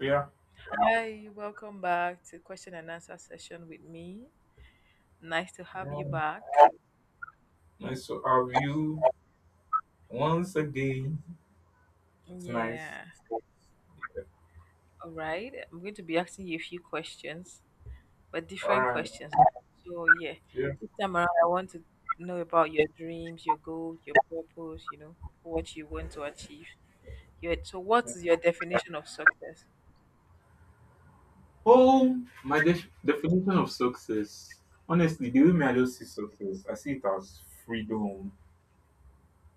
Yeah. Hi, welcome back to question and answer session with me. Nice to have you Um, back. Nice to have you once again. It's nice. Yeah. All right. I'm going to be asking you a few questions, but All different right. questions. So, yeah, Yeah. this time around, I want to know about your dreams, your goals, your purpose, what you want to achieve. So, what is your definition of success? Oh, my definition of success. Honestly, the way me I just see success, I see it as freedom.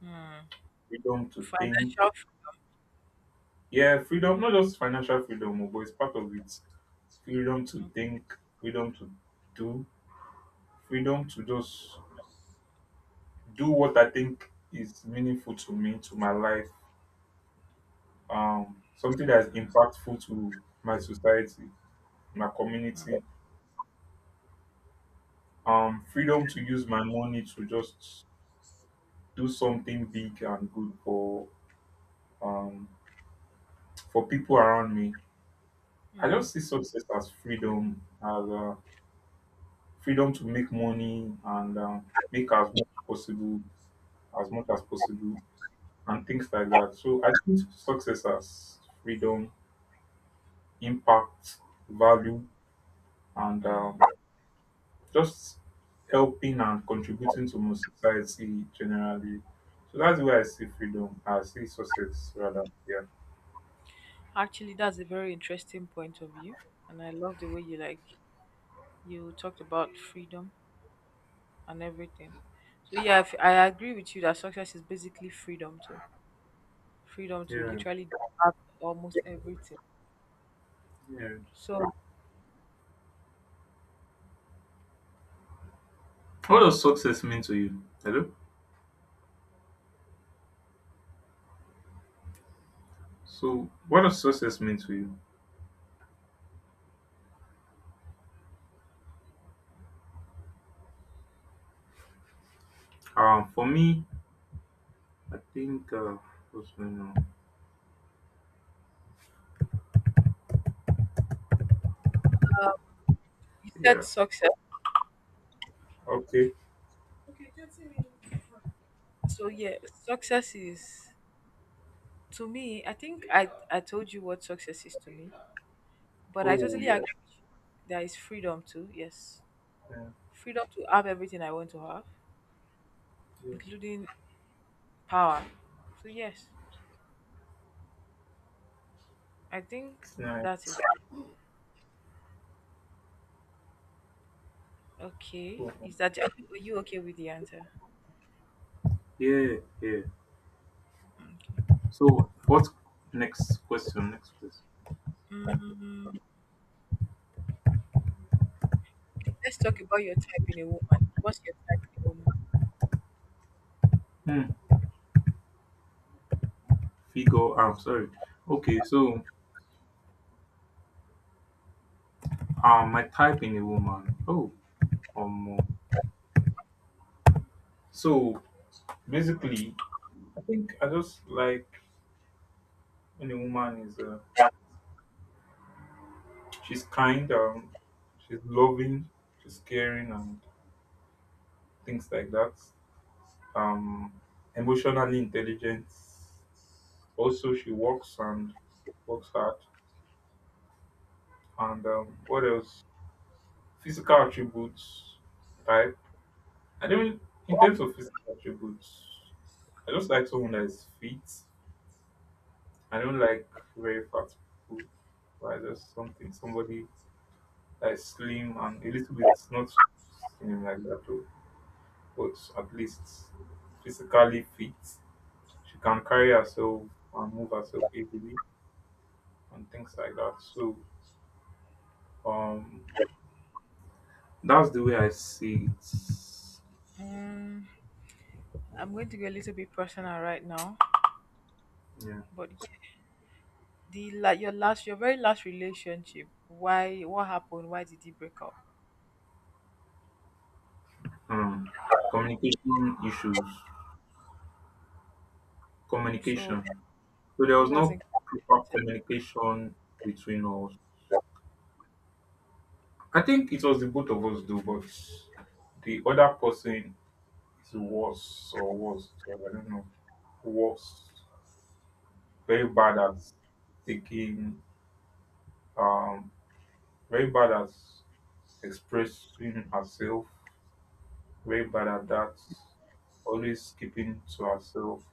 Hmm. Freedom to think. Financial. Yeah, freedom, not just financial freedom, oh, but it's part of it. Freedom to think, freedom to do, freedom to just do what I think is meaningful to me, to my life. Something that is impactful to my society, my community. Freedom to use my money to just do something big and good um, for people around me. I just Hmm. see success as freedom to make money and make as much as possible, and things like that. So I think success as freedom, impact, value, and just helping and contributing to my society generally. So that's the way I see freedom. I see success rather. Yeah. Actually, that's a very interesting point of view. And I love the way you talked about freedom and everything. So yeah, I agree with you that success is basically freedom to Yeah, literally have almost everything. yeah. So What does success mean to you? Hello? So what does success mean to you? For me, I think, what's going on? you said Yeah. success. Okay. So yeah, success is to me. I think I told you what success is to me, but I Oh, totally yeah. agree. There is freedom too. Yes, Yeah, freedom to have everything I want to have, yeah. including power. So yes, I think It's nice. that is okay. Cool. Is that are you okay with the answer? Yeah, yeah. Okay. So, what's next question? Next question. Mm. Let's talk about your type in a woman. What's your type in a woman? Hmm. Figure, I'm sorry. Okay, so my type in a woman. Oh, um, so basically, I think I just like when a woman is she's kind, she's loving, she's caring, and things like that. Um, Emotionally intelligent. Also, she works and works hard. And what else? Physical attributes type. I don't In terms of physical attributes, I just like someone that is fit. I don't like very fat people. But I just something somebody that is slim and a little bit not slim like that too, but at least physically fit. She can carry herself and move herself easily and things like that. So um that's the way I see it. Mm, I'm going to go a little bit personal right now, Yeah. but yeah, the la- your last, your very last relationship. Why? What happened? Why did you break up? Um, Communication issues. So Communication. So there who was no wasn't proper competent? communication between us. I think it was the both of us though, but the other person is worse or worse. So I don't know. Worse. Very bad at taking um Very bad at expressing herself. Very bad at that. Always keeping to herself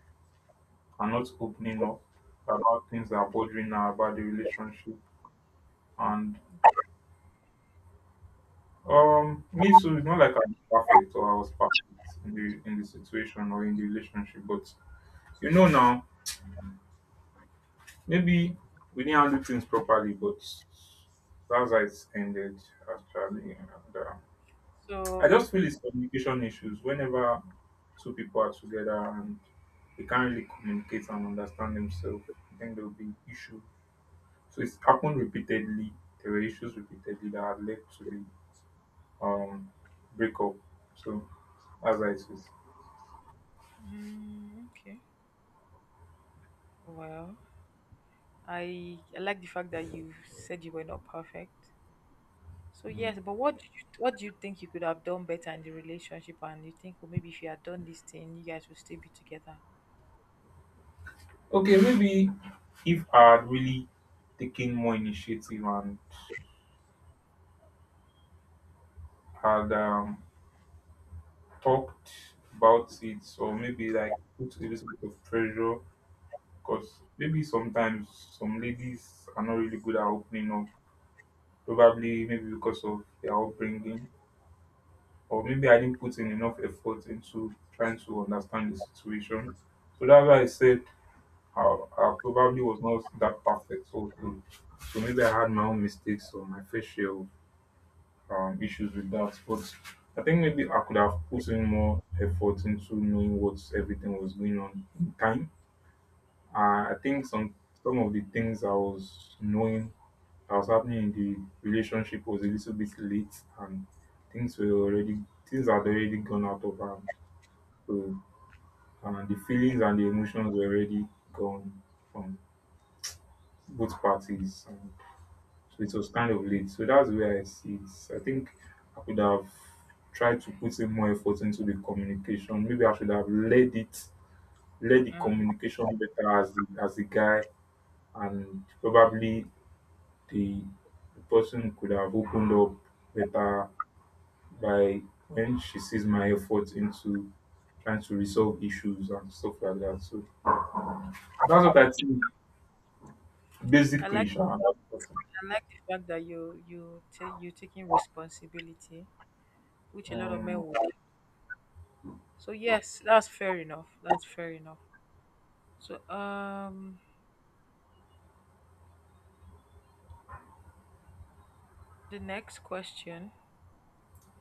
and not opening up about things that are bothering her about the relationship. And me too, it's not like I'm perfect or I was perfect in the situation or in the relationship, but you know now, maybe we didn't handle things properly, but that's how it ended actually. And uh, I So just feel it's communication issues. Whenever two people are together and they can't really communicate and understand themselves, I think there will be issue. So it's happened repeatedly. There were issues repeatedly that had led to the um breakup. So that's how it is. mm, okay, well, I like the fact that you said you were not perfect. So Mm. yes, but what do you think you could have done better in the relationship? And you think, well, maybe if you had done this thing, you guys would still be together. Okay, maybe if I had really taken more initiative and had talked about it, or maybe like put a little bit of pressure, because maybe sometimes some ladies are not really good at opening up, probably maybe because of their upbringing, or maybe I didn't put in enough effort into trying to understand the situation. So that's why I said I probably was not that perfect. So maybe I had my own mistakes or my fair share issues with that. But I think maybe I could have put in more effort into knowing what everything was going on in time. I think some of the things I was knowing that was happening in the relationship was a little bit late, and things were already things had already gone out of hand. So and the feelings and the emotions were already gone from both parties. So it was kind of late. So that's the way I see it. So I think I could have tried to put in more effort into the communication. Maybe I should have led the Mm. communication better as the guy, and probably the, the person could have opened up better by when she sees my effort into trying to resolve issues and stuff like that. So that's what I think I basically. like. Sha, that's what I think. I like the fact that you taking responsibility, which a lot of men Um, will. So yes, that's fair enough. That's fair enough. So the next question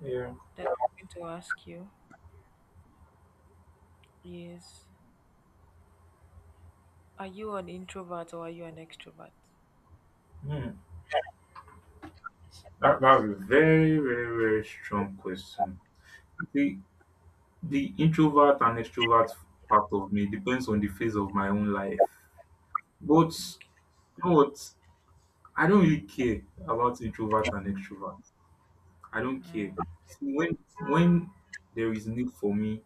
yeah. that I'm going to ask you is: Are you an introvert or are you an extrovert? Hmm. That's a very, very, very strong question. The the introvert and extrovert part of me depends on the phase of my own life. But you know what? I don't really care about introvert and extrovert. I don't care. Mm-hmm. See, when there is need for me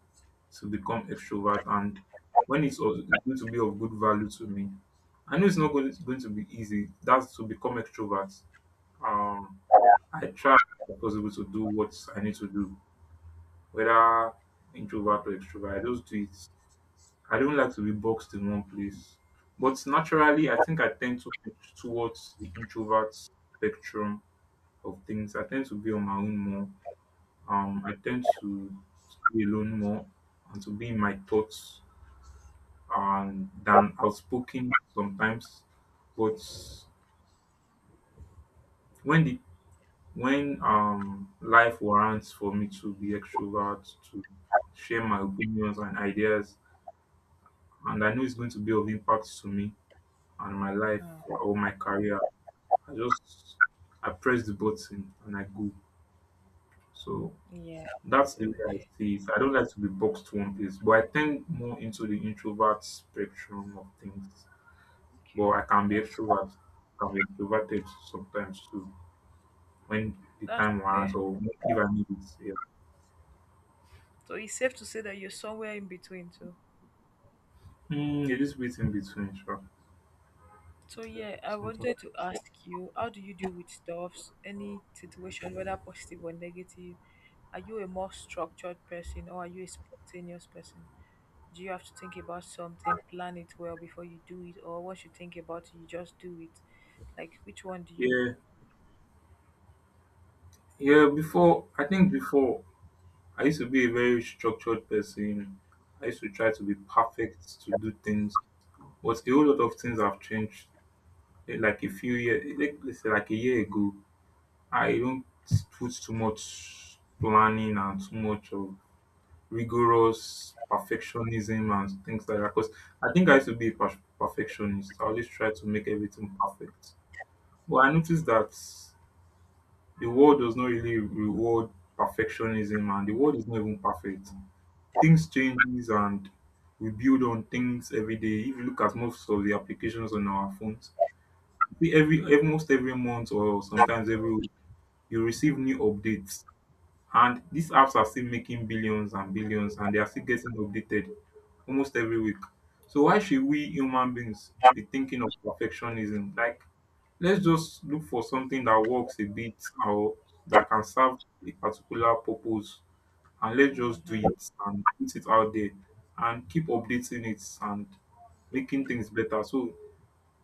to become extrovert, and when it's also going to be of good value to me, I know it's not going, it's going to be easy. That's to become extrovert. Um, I try as possible to do what I need to do, whether introvert or extrovert. I just do it. I don't like to be boxed in one place. But naturally, I think I tend to push towards the introvert spectrum of things. I tend to be on my own more. I tend to be alone more and to be in my thoughts and than outspoken sometimes. But when the when life warrants for me to be extrovert to share my opinions and ideas, and I know it's going to be of impact to me and my life or my career, I just I press the button and I go. So Yeah. that's the So way I see it. I don't like to be boxed to one place, but I tend more into the introvert spectrum of things. But I okay, can be that's extrovert, can be extroverted sometimes too, when the that's time fair. warrants or if I need it. Yeah, So it's safe to say that you're somewhere in between too. It is bit in between, sure. So Yeah, yeah, I sometimes. wanted to ask you, how do you deal with stuffs? Any situation, whether positive or negative? Are you a more structured person or are you a spontaneous person? Do you have to think about something, plan it well before you do it, or once you think about it, you just do it? Like which one do you? Yeah, yeah. Before I think before I used to be a very structured person. I used to try to be perfect to do things, but a whole lot of things have changed. Like a few years, like let's say like a year ago, I don't put too much planning and too much of rigorous perfectionism and things like that. Because I think I used to be a perfectionist. I always try to make everything perfect. But I noticed that the world does not really reward perfectionism, and the world is not even perfect. Things changes and we build on things every day. If you look at most of the applications on our phones, every almost every month or sometimes every week, you receive new updates. And these apps are still making billions and billions, and they are still getting updated almost every week. So why should we human beings be thinking of perfectionism? Like, let's just look for something that works a bit or that can serve a particular purpose, and let's just do Mm-hmm. it and put it out there and keep updating it and making things better. So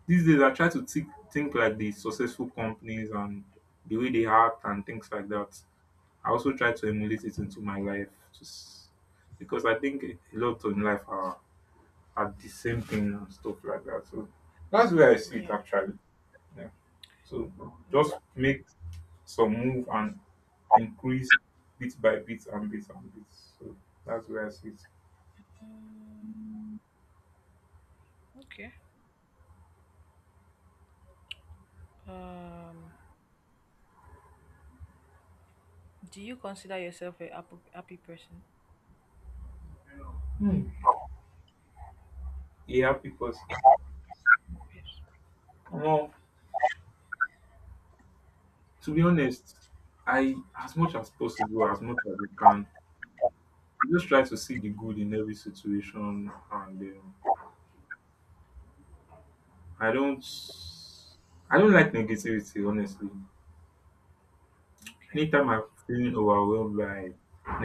these days I try to think like the successful companies and the way they act and things like that. I also try to emulate it into my life, just because I think a lot in life are the same thing and stuff like that. So that's where I see it Yeah. actually. Yeah. So just Well, make some move and increase bit by bit and bit and bit. So that's where I see it. mm, okay. Um. Do you consider yourself a happy person? Hmm. Yeah, because Yeah, well, to be honest, I as much as I can, I just try to see the good in every situation, and I don't, I don't like negativity, honestly. okay. Anytime I'm feeling overwhelmed by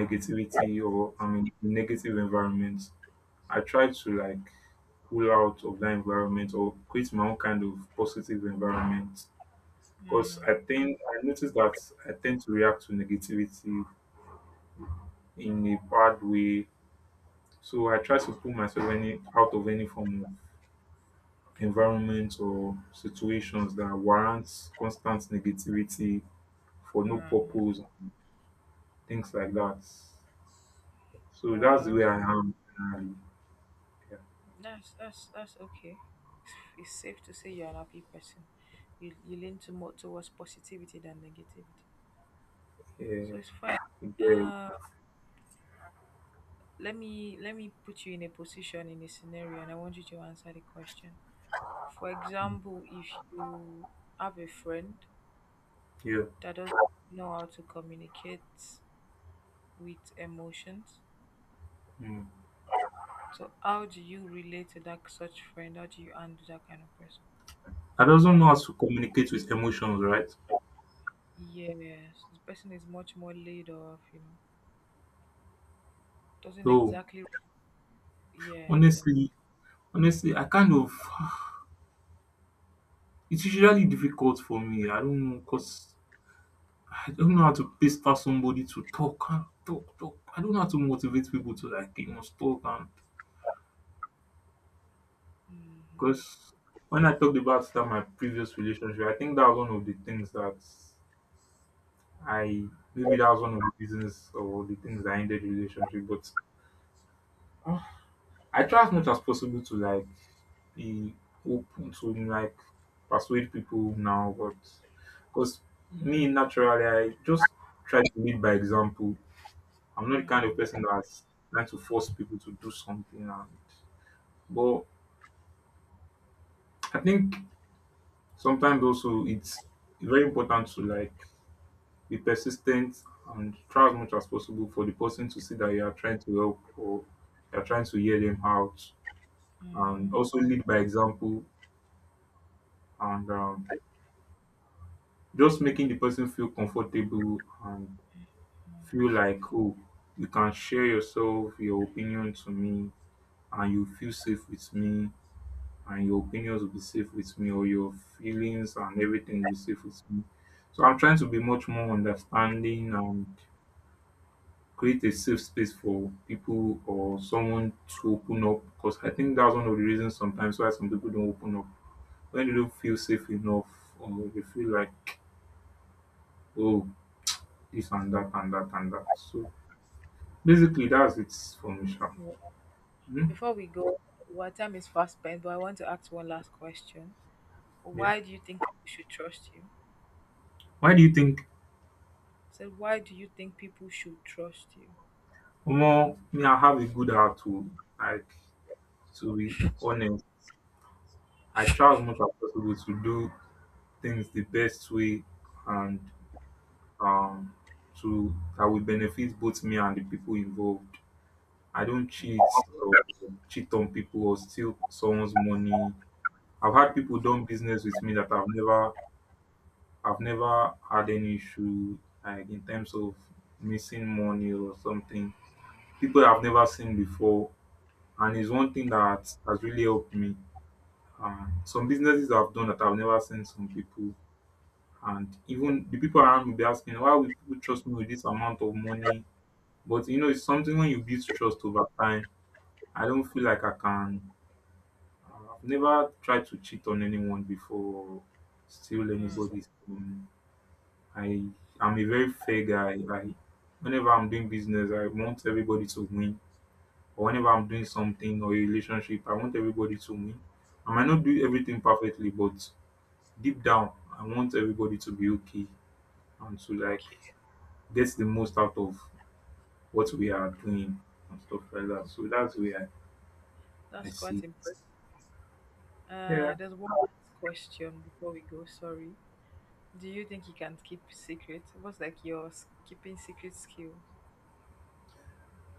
negativity or I'm in a negative environment, I try to like pull out of that environment or create my own kind of positive environment. Because Mm-hmm. I think I notice that I tend to react to negativity in a bad way. So I try to pull myself any out of any form of environment or situations that warrants constant negativity for no purpose, things like that. So that's the way Well, I am generally. That's okay. It's safe to say you're an happy person. You lean to more towards positivity than negativity. So Yeah. it's fine. You Uh, let me put you in a position in a scenario, and I want you to answer the question. For mm, example, if you have a friend Yeah. that doesn't know how to communicate with emotions, Mm. so how do you relate to that such friend? How do you handle that kind of person? I doesn't know how to communicate with emotions, right? Yes, this person is much more laid off. You know, doesn't So exactly. Yeah, exactly. honestly, I kind of it's usually difficult for me. I don't know, because I don't know how to pester somebody to talk and talk, talk. I don't know how to motivate people to like you must talk, and Hmm. because when I talked about that my previous relationship, I think that was one of the things that I maybe that was one of the reasons or the things that ended the relationship. But uh, I try as much as possible to like be open to like persuade people now, but because me naturally, I just try to lead by example. I'm not the kind of Mhm. person that's trying to force people to do something, and but I think sometimes also it's very important to like be persistent and try as much as possible for the person to see that you are trying to help or you are trying to hear them out. And also lead by example and just making the person feel comfortable and feel like, oh, you can share yourself, your opinion to me, and you feel safe with me, and your opinions will be safe with me, or your feelings and everything will be safe with me. So I'm trying to be much more understanding and create a safe space for people or someone to open up, because I think that's one of the reasons sometimes why some people don't open up: when they don't feel safe enough, or they feel like, oh, this and that and that and that. So basically that's it for me sha. Yeah. Hmm? Before we go, our time is fast spent, but I want to ask one last question. Yeah. Why do you think people should trust you? Why do you think? So why do you think people should trust you? Omo, me, I have a good heart to, like, to be honest. I try as much as possible to do things the best way and um to that will benefit both me and the people involved. I don't Okay. cheat or cheat on people or steal someone's money. I've had people done business with me that I've never had any issue, like in terms of missing money or something. People I've never seen before. And it's one thing that has really helped me. Some businesses I've done that I've never seen some people, and even the people around me be asking, why would people trust me with this amount of money? But you know, it's something when you build trust over time. I don't feel like I can, I've never tried to cheat on anyone before, steal Mm, anybody's. I am a very fair guy. I, whenever I'm doing business, I want everybody to win. Or whenever I'm doing something or a relationship, I want everybody to win. I might not do everything perfectly, but deep down, I want everybody to be okay and to, like, okay. get the most out of what we are doing and stuff like that. So that's where I That's see. quite impressive. Yeah. There's one last question before we go. Sorry. Do you think you can keep secret? What's like your keeping secret skills?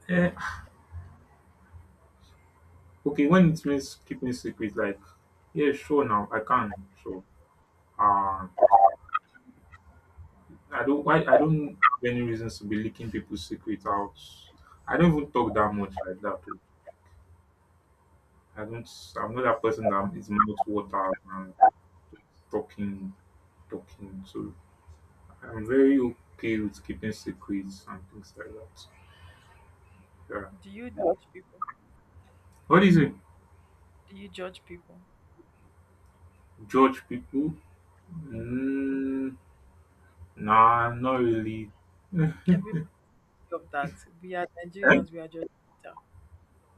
Eh, okay, when it means keeping secret, like, yeah, sure now. I can. Sure. Um I don't why I don't have any reasons to be leaking people's secrets out. I don't even talk that much like that. Oh. I don't, I'm not that person that is mouth water and talking talking. So I'm very okay with keeping secrets and things like that. Yeah. Do you judge people? What is it? Do you judge people? Judge people? Mm, nah, not really. Everybody of that. We are Nigerians. We are judgmental.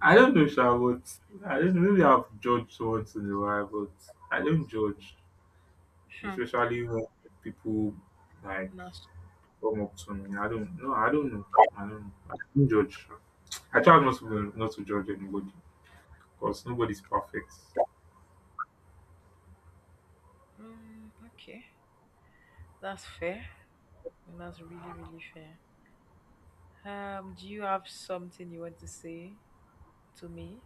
I don't know, sha, but I don't know. Maybe I've judged once in a while, but I don't judge, Hmm. especially when people, like, Nasty. come up to me. I don't know. I don't know. I don't know. I don't judge. I try not to judge anybody because nobody's perfect. Mm, okay. That's fair. That's really, really fair. Do you have something you want to say to me?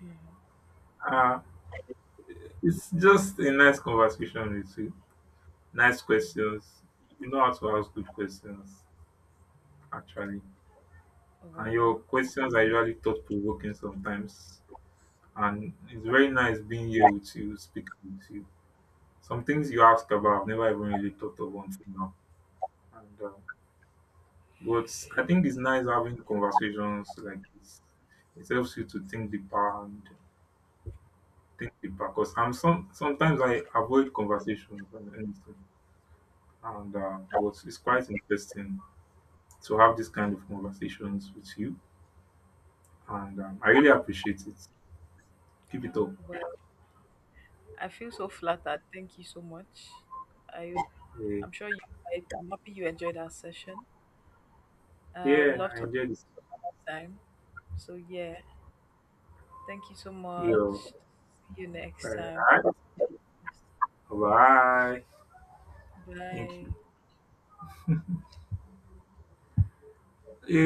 Mhm. Uh, it's just a nice conversation with you. Nice questions. You know how to ask good questions, actually. And your Well, questions are usually thought provoking sometimes. And it's very nice being here with you, speaking with you. Some things you ask about, I've never even really thought of until now. And but I think it's nice having conversations like this. It helps you to think deeper and think deeper. Cause I'm sometimes I avoid conversations and anything. And but it's quite interesting to have this kind of conversations with you. And I really appreciate it. Keep it up. well, I feel so flattered. Thank you so much. I, Yeah, I'm sure you. I'm happy you enjoyed our session. I would yeah love I to enjoyed this. have time. So yeah, thank you so much. Yo, See you all next time. right. Have a- Bye. Thank Bye. you.